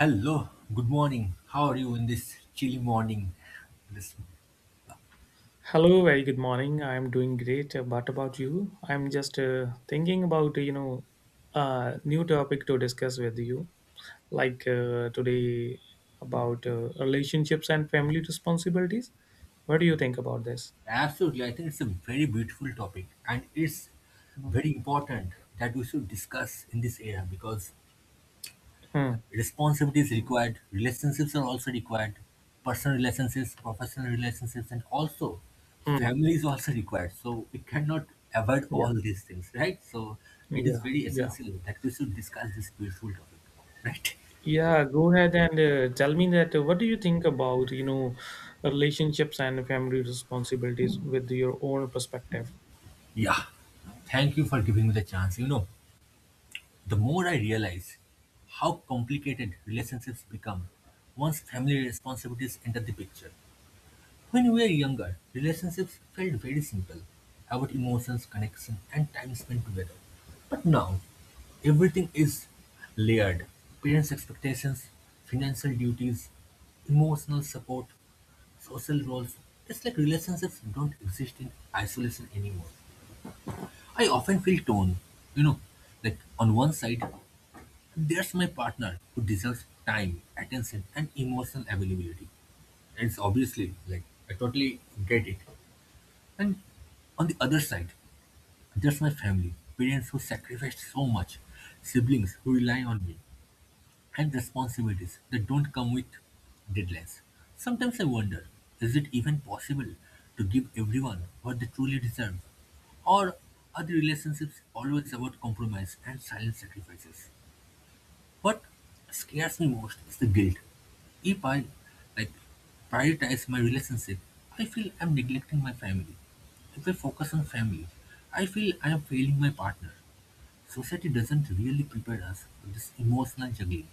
Hello, good morning. How are you in this chilly morning? This Hello, very good morning. I'm doing great. What about you? I'm just thinking about a new topic to discuss with you, like today about relationships and family responsibilities. What do you think about this? absolutely, I think it's a very beautiful topic, and it's very important that we should discuss in this era because Hmm. responsibility is required, relationships are also required, personal relationships, professional relationships, and also Hmm. family is also required. So we cannot avoid Yeah. all these things, right? So it is Yeah. very Yeah. essential that we should discuss this beautiful topic, right? Yeah. Go ahead and tell me that. What do you think about relationships and family responsibilities with your own perspective? Yeah. Thank you for giving me the chance. You know. The more I realize how complicated relationships become once family responsibilities enter the picture. When we were younger, relationships felt very simple about emotions, connection, and time spent together. But now, everything is layered parents' expectations, financial duties, emotional support, social roles. It's like relationships don't exist in isolation anymore. I often feel torn, you know, like on one side, there's my partner who deserves time, attention, and emotional availability. And it's obviously like I totally get it. And on the other side, there's my family, parents who sacrificed so much, siblings who rely on me, and responsibilities that don't come with deadlines. Sometimes I wonder, is it even possible to give everyone what they truly deserve? Or are the relationships always about compromise and silent sacrifices? What scares me most is the guilt. If I like prioritize my relationship, I feel I'm neglecting my family. If I focus on family, I feel I am failing my partner. Society doesn't really prepare us for this emotional juggling.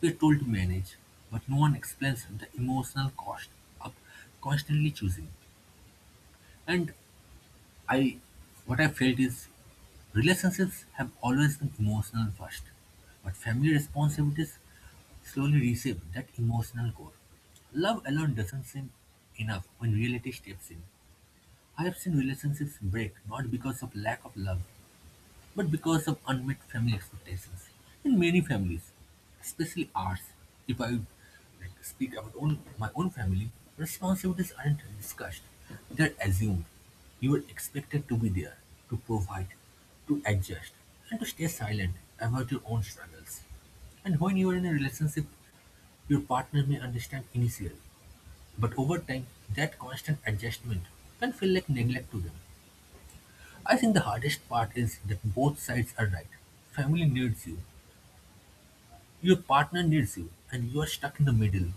We're told to manage, but no one explains the emotional cost of constantly choosing. And I what I felt is relationships have always been emotional first, but family responsibilities slowly reshape that emotional core. Love alone doesn't seem enough when reality steps in. I have seen relationships break not because of lack of love, but because of unmet family expectations. In many families, especially ours, if I like, speak about my own family, responsibilities aren't discussed, they're assumed. You are expected to be there, to provide, to adjust, and to stay silent about your own struggles. And when you are in a relationship, your partner may understand initially, but over time, that constant adjustment can feel like neglect to them. I think the hardest part is that both sides are right. Family needs you, your partner needs you, and you are stuck in the middle,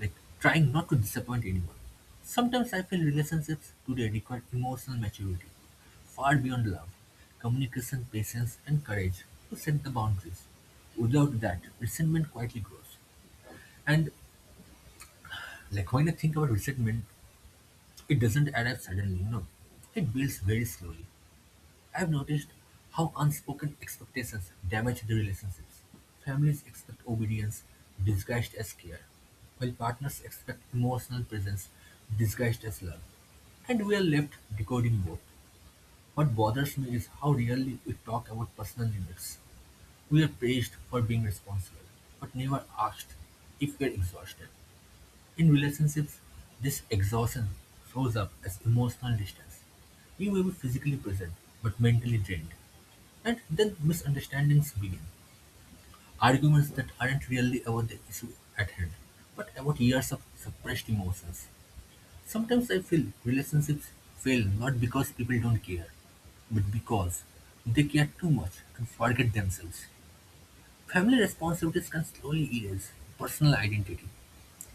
like trying not to disappoint anyone. Sometimes I feel relationships today require emotional maturity, far beyond love, communication, patience, and courage to set the boundaries. Without that, resentment quietly grows. And like when I think about resentment, it doesn't arrive suddenly, you know. It builds very slowly. I've noticed how unspoken expectations damage the relationships. Families expect obedience disguised as care, while partners expect emotional presence disguised as love. And we are left decoding both. What bothers me is how rarely we talk about personal limits. We are praised for being responsible, but never asked if we are exhausted. In relationships, this exhaustion shows up as emotional distance. You may be physically present, but mentally drained. And then misunderstandings begin, arguments that aren't really about the issue at hand, but about years of suppressed emotions. Sometimes I feel relationships fail not because people don't care, but because they care too much and forget themselves. Family responsibilities can slowly erase personal identity,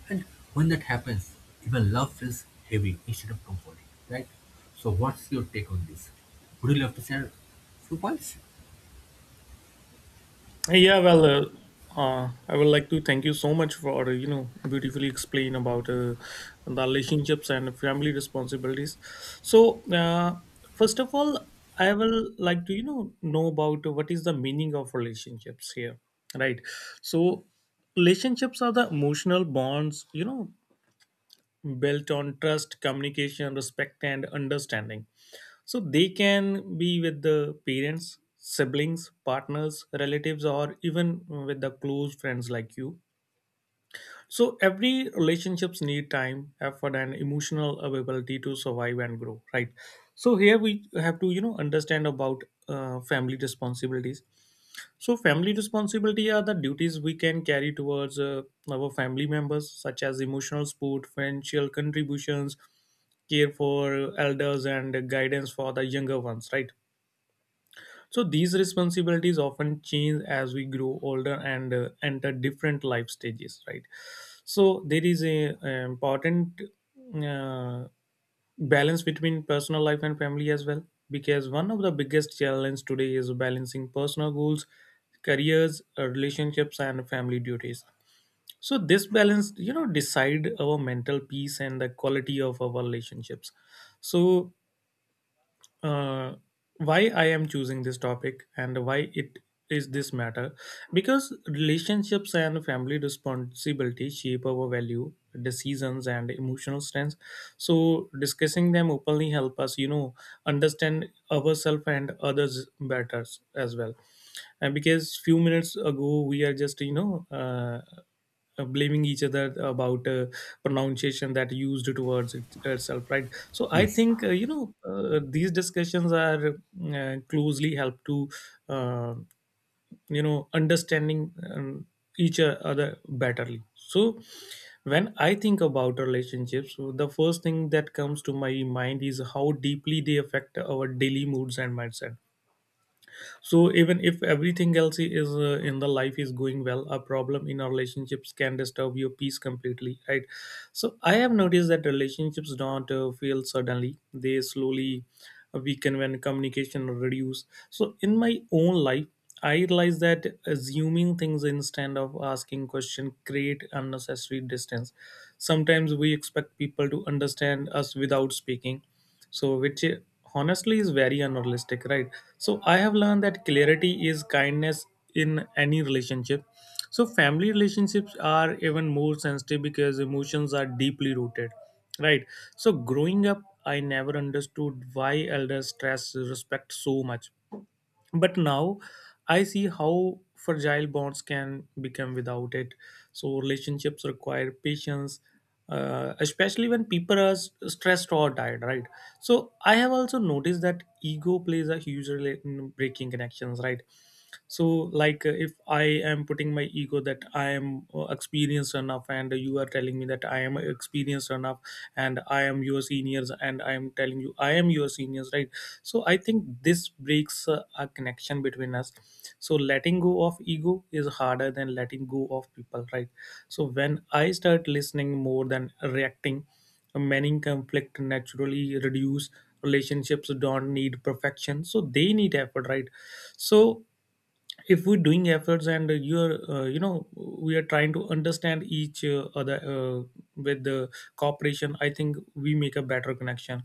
and when that happens, even love feels heavy instead of comforting, right? So, what's your take on this? Would you love to share a few points? Yeah, well, I would like to thank you so much for beautifully explain about the relationships and family responsibilities. So, first of all, I will like to know about what is the meaning of relationships here, right? So, relationships are the emotional bonds built on trust, communication, respect, and understanding. So they can be with the parents, siblings, partners, relatives, or even with the close friends like you. So every relationships need time, effort, and emotional availability to survive and grow, right? So here we have to, you know, understand about family responsibilities. So, family responsibility are the duties we can carry towards our family members, such as emotional support, financial contributions, care for elders, and guidance for the younger ones, right? So these responsibilities often change as we grow older and enter different life stages, right? So there is a important uh, balance between personal life and family as well, because one of the biggest challenges today is balancing personal goals, careers, relationships, and family duties. So this balance, you know, decide our mental peace and the quality of our relationships. So uh, why I am choosing this topic and why it is this matter because relationships and family responsibility shape our value decisions and emotional strengths, so discussing them openly help us understand ourselves and others better as well. And because few minutes ago we are just you know, blaming each other about pronunciation that used towards it, herself, right? So I Yes. think you know, these discussions are closely help to uh, understanding each other betterly. So when I think about relationships, the first thing that comes to my mind is how deeply they affect our daily moods and mindset. So even if everything else is in the life is going well, a problem in our relationships can disturb your peace completely, right? So I have noticed that relationships don't fail suddenly, they slowly weaken when communication reduce. So in my own life, I realize that assuming things instead of asking question create unnecessary distance. Sometimes we expect people to understand us without speaking, so which honestly is very unrealistic, right? So I have learned that clarity is kindness in any relationship. So family relationships are even more sensitive because emotions are deeply rooted, right? So growing up, I never understood why elders stress respect so much, but now I see how fragile bonds can become without it. So relationships require patience, especially when people are stressed or tired, right? So I have also noticed that ego plays a huge role in breaking connections, right? So like if I am putting my ego that I am experienced enough and you are telling me that I am experienced enough, and I am your seniors and I am telling you I am your seniors, right? So I think this breaks a connection between us. So letting go of ego is harder than letting go of people, right? So when I start listening more than reacting, many conflict naturally reduce. Relationships don't need perfection, so they need effort, right? So if we're doing efforts and you're we are trying to understand each other with the cooperation, I think we make a better connection.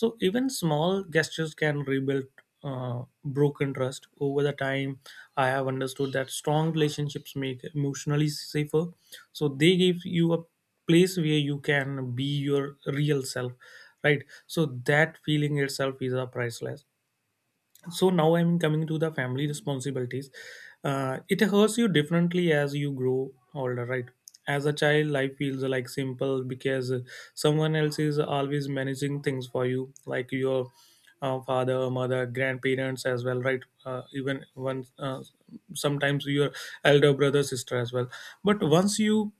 So even small gestures can rebuild broken trust over the time. I have understood that strong relationships make emotionally safer, so they give you a place where you can be your real self, right? So that feeling itself is a priceless. So now I'm coming to the family responsibilities. It hurts you differently as you grow older, right? As a child, life feels like simple because someone else is always managing things for you, like your father, mother, grandparents as well, right? Even once sometimes your elder brother, sister as well. But once you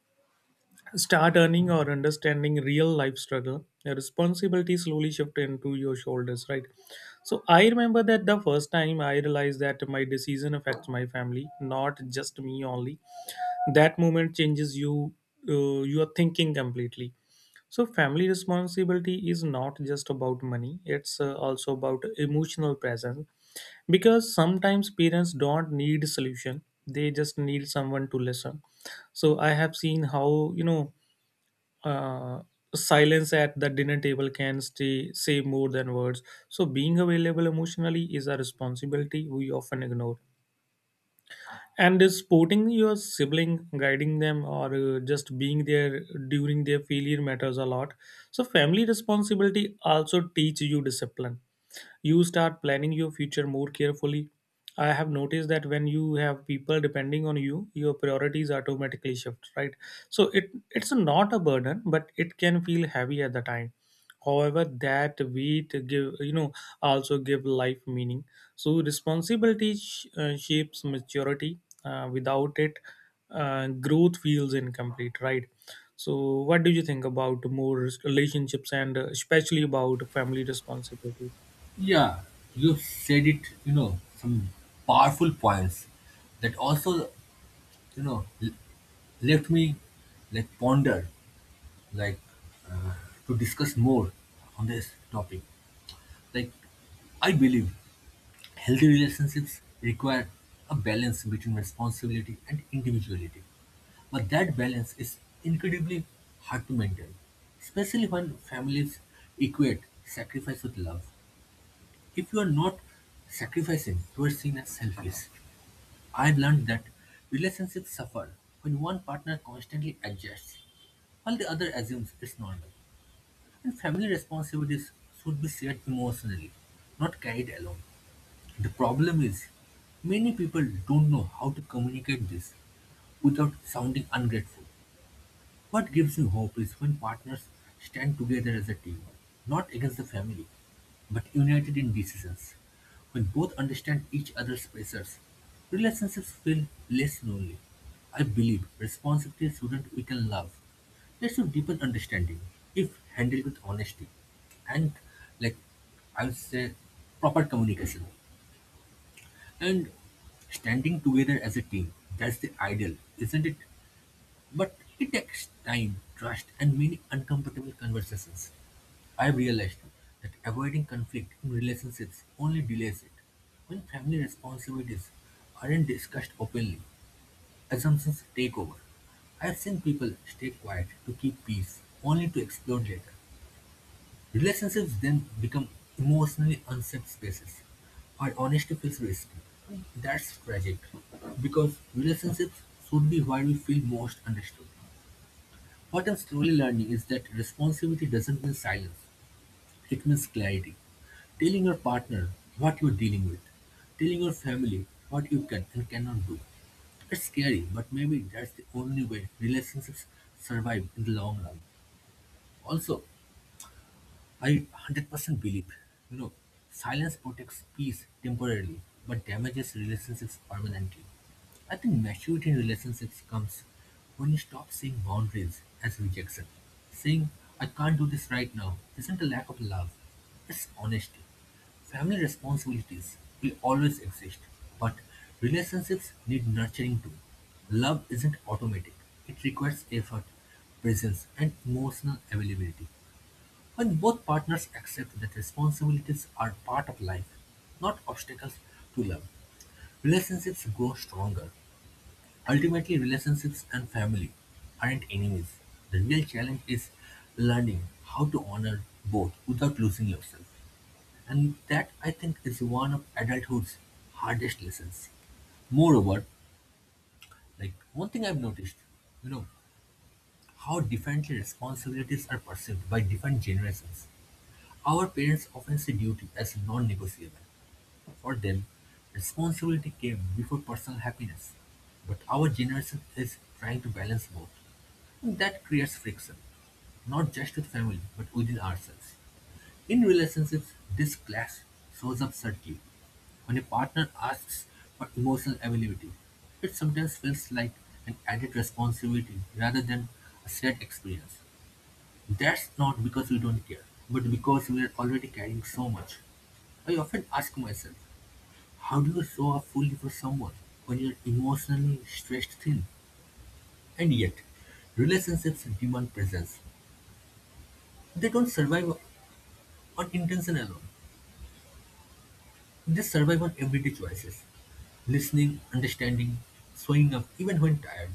start earning or understanding real life struggle, the responsibility slowly shift into your shoulders, right? So I remember that the first time I realized that my decision affects my family, not just me only, that moment changes your thinking completely. So family responsibility is not just about money, it's also about emotional presence, because sometimes parents don't need solution, they just need someone to listen. So I have seen how you know uh, silence at the dinner table can say more than words. So, being available emotionally is a responsibility we often ignore. And is supporting your sibling, guiding them, or just being there during their failure matters a lot. So, family responsibility also teach you discipline, you start planning your future more carefully. I have noticed that when you have people depending on you, your priorities automatically shift, right? So it's not a burden, but it can feel heavy at the time. However, that weight give also give life meaning. So responsibility shapes maturity. Without it, growth feels incomplete, right? So, what do you think about more relationships and especially about family responsibilities? Yeah, you said it, you know, some powerful points that also, you know, left me like ponder, like uh, to discuss more on this topic. Like, I believe healthy relationships require a balance between responsibility and individuality. But that balance is incredibly hard to maintain, especially when families equate sacrifice with love. If you are not sacrificing, you are seen as selfish. I've learned that relationships suffer when one partner constantly adjusts, while the other assumes it's normal. And family responsibilities should be shared emotionally, not carried alone. The problem is, many people don't know how to communicate this without sounding ungrateful. What gives me hope is when partners stand together as a team, not against the family, but united in decisions. When both understand each other's pressures, relationships feel less lonely. I believe responsibility shouldn't weaken love. They should deepen understanding if handled with honesty and, like I would say, proper communication. And standing together as a team, that's the ideal, isn't it? But it takes time, trust, and many uncomfortable conversations. I've realized that avoiding conflict in relationships only delays it. When family responsibilities aren't discussed openly, assumptions take over. I've seen people stay quiet to keep peace, only to explode later. Relationships then become emotionally unsafe spaces, where honesty feels risky. That's tragic, because relationships should be where we feel most understood. What I'm slowly learning is that responsibility doesn't mean silence, it means clarity. Telling your partner what you're dealing with, telling your family what you can and cannot do. It's scary, but maybe that's the only way relationships survive in the long run. Also, I 100% believe, you know, silence protects peace temporarily, but damages relationships permanently. I think maturity in relationships comes when you stop seeing boundaries as rejection. Saying, I can't do this right now, isn't a lack of love, it's honesty. Family responsibilities will always exist, but relationships need nurturing too. Love isn't automatic, it requires effort, presence, and emotional availability. When both partners accept that responsibilities are part of life, not obstacles to love, relationships grow stronger. Ultimately, relationships and family aren't enemies. The real challenge is learning how to honor both without losing yourself. And that, I think, is one of adulthood's hardest lessons. Moreover, like one thing I've noticed, you know, how differently responsibilities are perceived by different generations. Our parents often see duty as non-negotiable. For them, responsibility came before personal happiness. But our generation is trying to balance both. And that creates friction, not just with family, but within ourselves. In relationships, this clash shows up subtly. When a partner asks for emotional availability, it sometimes feels like an added responsibility rather than a shared experience. That's not because we don't care, but because we are already carrying so much. I often ask myself, how do you show up fully for someone when you're emotionally stretched thin? And yet, relationships demand presence. They don't survive on intention alone, they survive on everyday choices. Listening, understanding, showing up even when tired.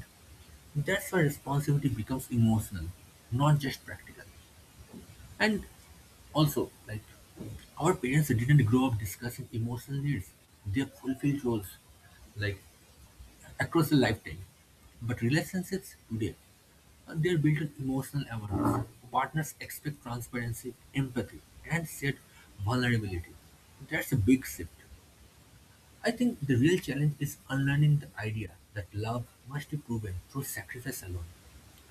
That's where responsibility becomes emotional, not just practical. And also, like, our parents didn't grow up discussing emotional needs. They fulfilled roles, like, across the lifetime. But relationships today, they're built on emotional awareness. Partners expect transparency, empathy, and shared vulnerability. That's a big shift. I think the real challenge is unlearning the idea that love must be proven through sacrifice alone.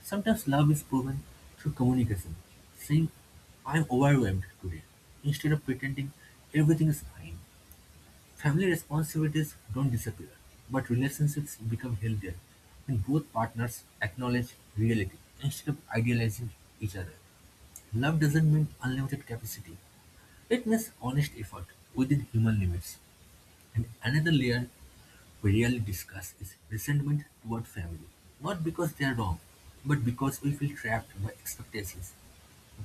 Sometimes love is proven through communication, saying, I'm overwhelmed today, instead of pretending everything is fine. Family responsibilities don't disappear, but relationships become healthier when both partners acknowledge reality instead of idealizing each other. Love doesn't mean unlimited capacity, it means honest effort within human limits. And another layer we really discuss is resentment toward family, not because they are wrong, but because we feel trapped by expectations.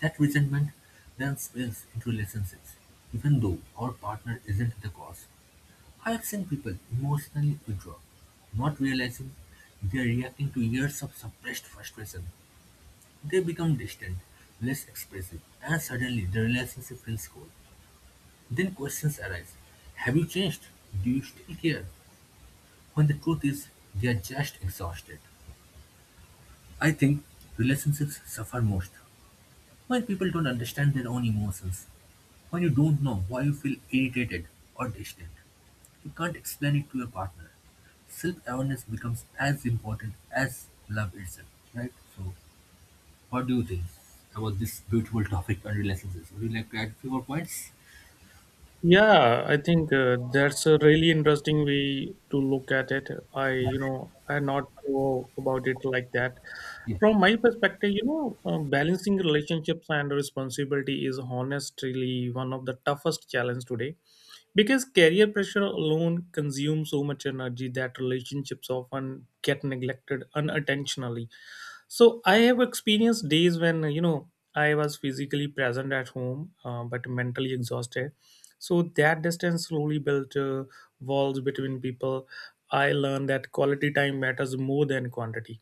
That resentment then spills into relationships, even though our partner isn't the cause. I have seen people emotionally withdraw, not realizing they are reacting to years of suppressed frustration. They become distant, less expressive, and suddenly the relationship feels cold. Then questions arise. Have you changed? Do you still care? When the truth is they're just exhausted. I think relationships suffer most when people don't understand their own emotions. When you don't know why you feel irritated or distant, you can't explain it to your partner. Self awareness becomes as important as love itself, right? So, what do you think about this beautiful topic on relationships? Would you like to add a few more points? Yeah, I think that's a really interesting way to look at it. I, you know, I not thought about it like that. Yeah, From my perspective, you know, balancing relationships and responsibility is honestly one of the toughest challenge today, because career pressure alone consumes so much energy that relationships often get neglected unintentionally. So I have experienced days when I was physically present at home, but mentally exhausted. So that distance slowly built walls between people. I learned that quality time matters more than quantity.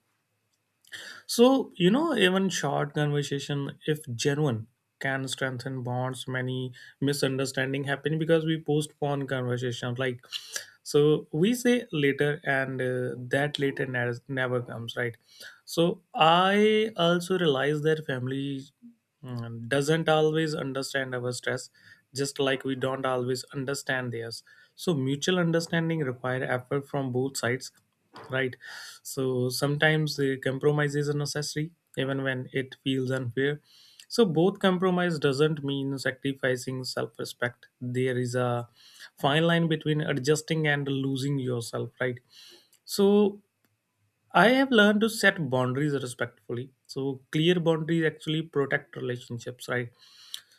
So you know, even short conversation, if genuine, can strengthen bonds. Many misunderstanding happen because we postpone conversations. Like, so we say later, and that later never comes, right? So I also realize that family doesn't always understand our stress, just like we don't always understand theirs. So mutual understanding require effort from both sides, right? So sometimes the compromise is necessary, even when it feels unfair. So both compromise doesn't mean sacrificing self-respect. There is a fine line between adjusting and losing yourself, right? So I have learned to set boundaries respectfully. So clear boundaries actually protect relationships, right?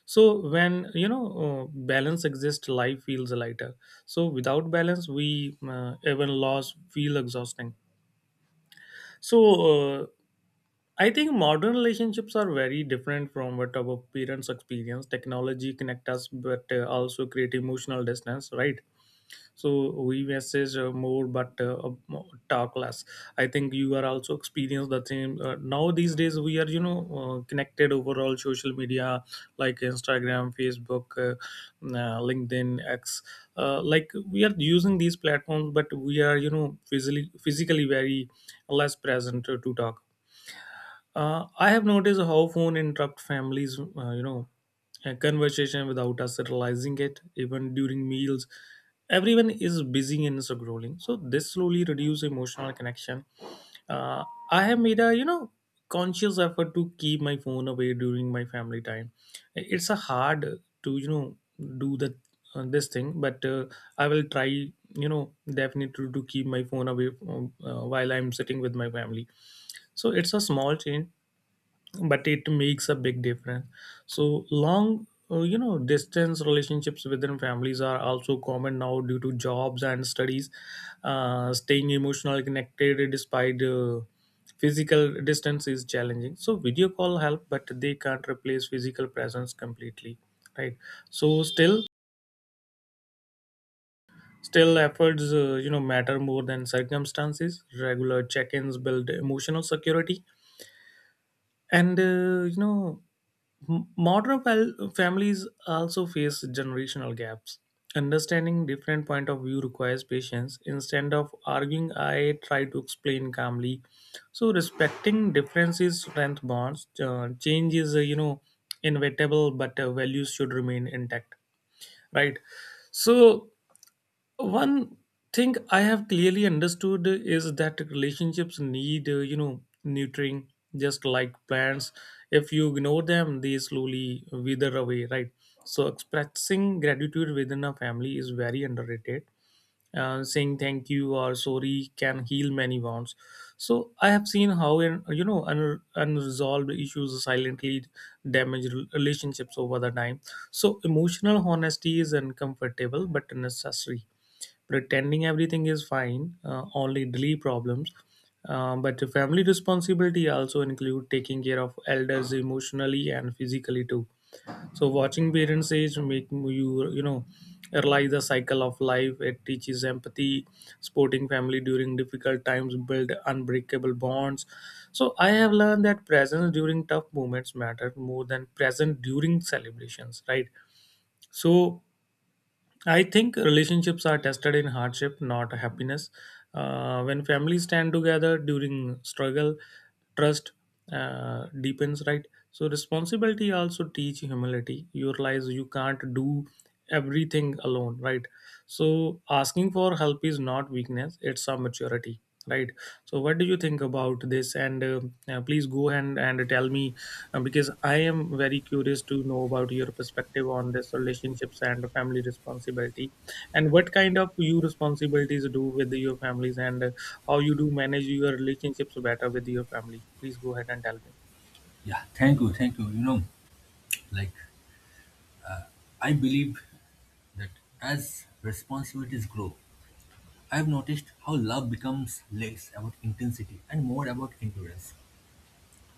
So when you know balance exists, life feels lighter. So without balance, we even loss feel exhausting. So, I think modern relationships are very different from what our parents experience. Technology connect us, but also create emotional distance, right? So we message more but talk less. I think you are also experience the same. Now these days we are you know, connected overall social media, like Instagram, Facebook, LinkedIn, X, like we are using these platforms, but we are you know physically very less present to talk. I have noticed how phone interrupt families, you know, a conversation without us realizing it, even during meals. Everyone is busy and scrolling, so this slowly reduces emotional connection. Uh, I have made a conscious effort to keep my phone away during my family time. It's a hard to do the this thing, but I will try definitely to keep my phone away from, while I'm sitting with my family. So it's a small change, but it makes a big difference. So long distance relationships within families are also common now due to jobs and studies. Staying emotionally connected despite physical distance is challenging, so video call help, but they can't replace physical presence completely, right? So still efforts matter more than circumstances. Regular check-ins build emotional security, and Modern families also face generational gaps. Understanding different point of view requires patience. Instead of arguing, I try to explain calmly. So respecting differences strength bonds. Change is, inevitable, but values should remain intact, right? So one thing I have clearly understood is that relationships need nurturing, just like plants. If you ignore them, they slowly wither away, right? So expressing gratitude within a family is very underrated. Saying thank you or sorry can heal many wounds. So I have seen how in you know un- unresolved issues silently damage relationships over the time. So emotional honesty is uncomfortable but necessary. Pretending everything is fine, only delay problems. But the family responsibility also include taking care of elders emotionally and physically too. So watching parents age make you you know realize the cycle of life. It teaches empathy, supporting family during difficult times, build unbreakable bonds. So I have learned that presence during tough moments matter more than present during celebrations. Right. So I think relationships are tested in hardship, not happiness. When families stand together during struggle, trust deepens, right? So, responsibility also teach humility. You realize you can't do everything alone, right? So asking for help is not weakness; it's a maturity, right? So what do you think about this? And Please go and tell me, because I am very curious to know about your perspective on this relationships and family responsibility, and what kind of you responsibilities do with your families, and how you do manage your relationships better with your family. Please go ahead and tell me. yeah, thank you, thank you. You know, like, I believe that as responsibilities grow, I've noticed how love becomes less about intensity and more about endurance.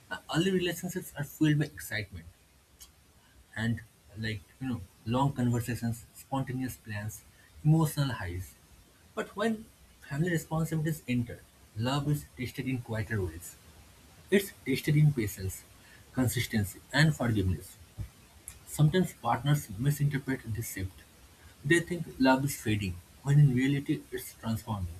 Early relationships are fueled by excitement and like, you know, long conversations, spontaneous plans, emotional highs. But when family responsibilities enter, love is tested in quieter ways. It's tested in patience, consistency, and forgiveness. Sometimes partners misinterpret this shift. They think love is fading, when in reality it's transforming.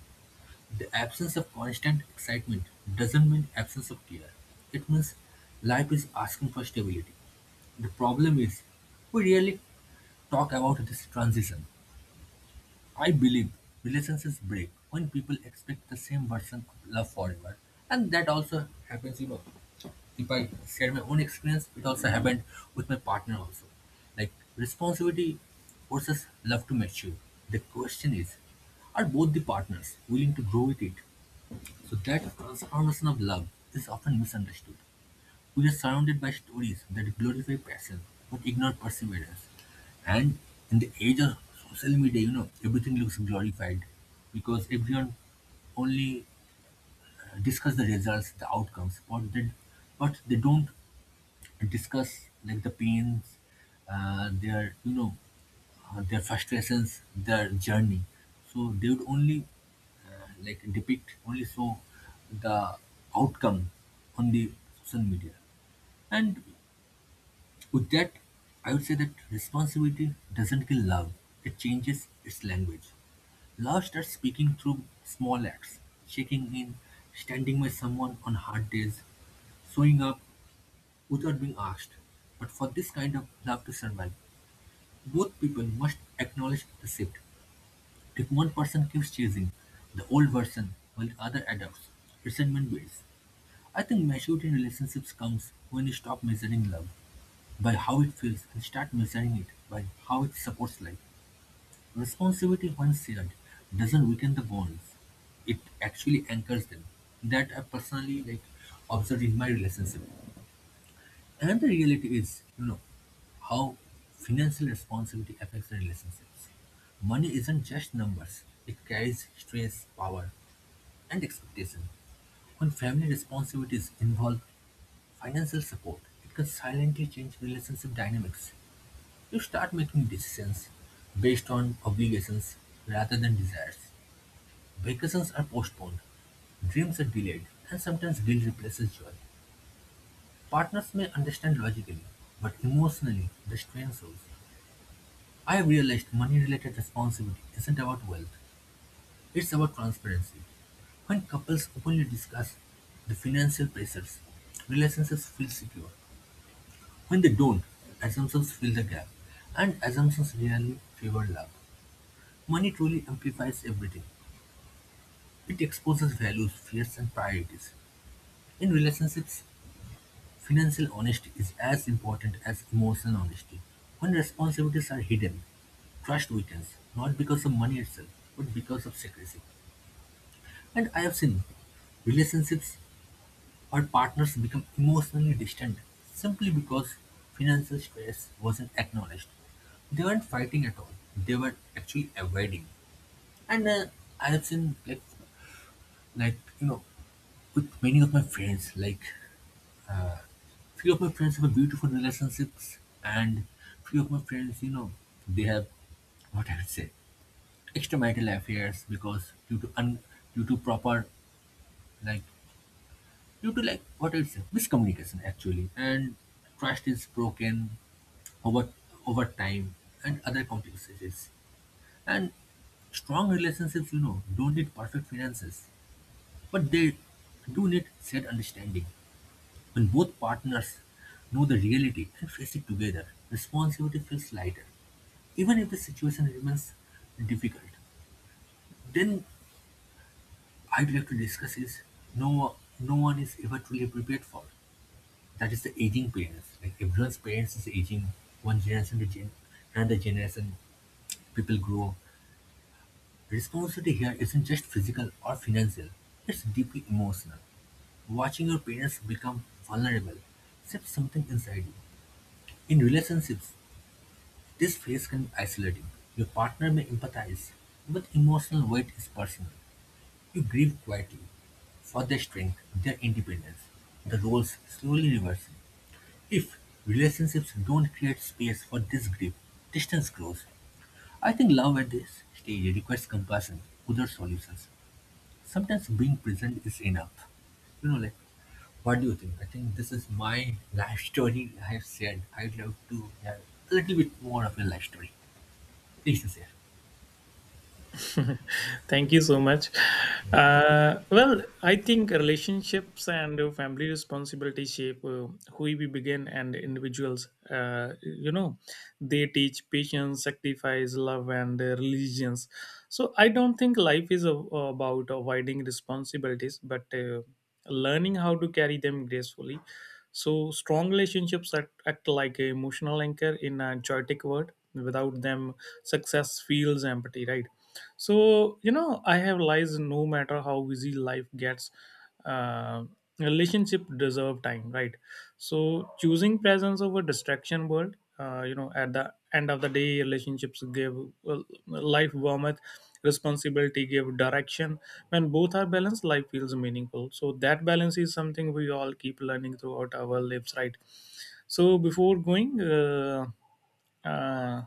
The absence of constant excitement doesn't mean absence of care. It means life is asking for stability. The problem is, we really talk about this transition. I believe relationships break when people expect the same version of love forever. And that also happens, you know. If I share my own experience, it also happened with my partner also. Like responsibility forces love to mature. The question is, are both the partners willing to grow with it? So that transformation of love is often misunderstood. We are surrounded by stories that glorify passion but ignore perseverance. And in the age of social media, everything looks glorified because everyone only discuss the results, the outcomes, what did, but they don't discuss like the pains, their you know their frustrations, their journey. So they would only like depict only so the outcome on the social media. And with that, I would say that responsibility doesn't kill love; it changes its language. Love starts speaking through small acts, checking in, standing by someone on hard days, showing up without being asked. But for this kind of love to survive, both people must acknowledge the shift. If one person keeps chasing the old version while the other adopts, resentment builds. I think maturity in relationships comes when you stop measuring love by how it feels and start measuring it by how it supports life. Responsibility, once shared, doesn't weaken the bonds; it actually anchors them. That I personally like observed in my relationship. And the reality is, how financial responsibility affects the relationships. Money isn't just numbers, it carries stress, power, and expectation. When family responsibilities involve financial support, it can silently change relationship dynamics. You start making decisions based on obligations rather than desires. Vacations are postponed, dreams are delayed, and sometimes guilt replaces joy. Partners may understand logically, but emotionally, the strain shows. I realized money related responsibility isn't about wealth, it's about transparency. When couples openly discuss the financial pressures, relationships feel secure. When they don't, assumptions fill the gap, and assumptions rarely favor love. Money truly amplifies everything. It exposes values, fears, and priorities. In relationships, financial honesty is as important as emotional honesty. When responsibilities are hidden, trust weakens, not because of money itself, but because of secrecy. And I have seen relationships or partners become emotionally distant simply because financial stress wasn't acknowledged. They weren't fighting at all. They were actually avoiding. And I have seen like, with many of my friends, uh, few of my friends have a beautiful relationships, and few of my friends, they have, what I would say, extramarital affairs because due to un, due to proper like due to like what I'll say, miscommunication actually, and trust is broken over over time and other complexities. And strong relationships, don't need perfect finances, but they do need shared understanding. When both partners know the reality and face it together, responsibility feels lighter. Even if the situation remains difficult, then I'd like to discuss is no one is ever truly prepared for. That is the aging parents. Like everyone's parents is aging one generation to gen another generation, people grow. Responsibility here isn't just physical or financial, it's deeply emotional. Watching your parents become vulnerable shifts something inside you. In relationships, this phase can be isolating. Your partner may empathize, but emotional weight is personal. You grieve quietly for their strength, their independence, the roles slowly reversing. If relationships don't create space for this grief, distance grows. I think love at this stage requires compassion, other solutions. Sometimes being present is enough. You know, like, what do you think? I think this is my life story I have said. I'd love to have a little bit more of a life story. Please, sir. Thank you so much. Well, I think relationships and family responsibility shape who we begin and individuals. They teach patience, sacrifice, love, and religions. So I don't think life is a, about avoiding responsibilities, but learning how to carry them gracefully. So strong relationships act like an emotional anchor in a chaotic world. Without them, success feels empty, right? So, you know, I have realized no matter how busy life gets, uh, relationship deserve time, right? So, choosing presence over distraction world, at the end of the day, relationships give well, life warmth, responsibility give direction. When both are balanced, life feels meaningful. So, that balance is something we all keep learning throughout our lives, right? So, before going, uh,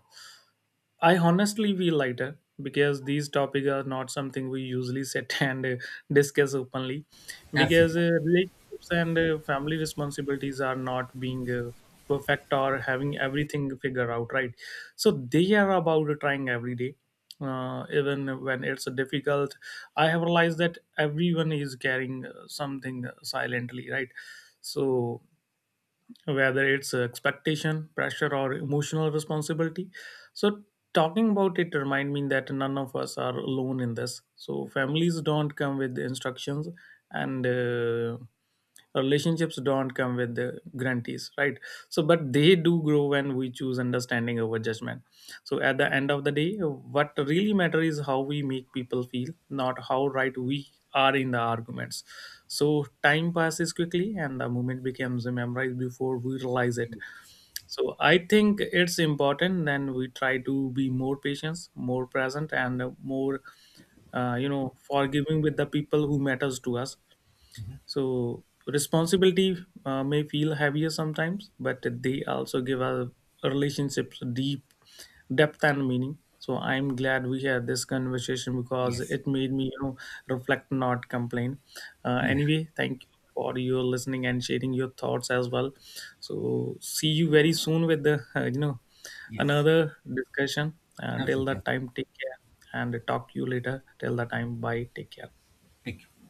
I honestly feel lighter because these topics are not something we usually sit and discuss openly, because Absolutely. Relationships and family responsibilities are not being perfect or having everything figured out, right? So they are about trying every day, even when it's difficult. I have realized that everyone is carrying something silently, right? So whether it's expectation pressure or emotional responsibility. So talking about it remind me that none of us are alone in this. So families don't come with instructions, and relationships don't come with the guarantees, right? So but they do grow when we choose understanding over judgment. So at the end of the day what really matters is how we make people feel, not how right we are in the arguments. So time passes quickly and the moment becomes memorized before we realize it. So I think it's important then we try to be more patient, more present, and more forgiving with the people who matters to us. So responsibility may feel heavier sometimes, but they also give our relationships deep depth and meaning. So I'm glad we had this conversation because Yes. it made me, you know, reflect, not complain. Yeah. Anyway, thank you for your listening and sharing your thoughts as well. So see you very soon with the, Yes. another discussion. Until Absolutely. that time, take care and talk to you later. Till that time, bye. Take care. Thank you.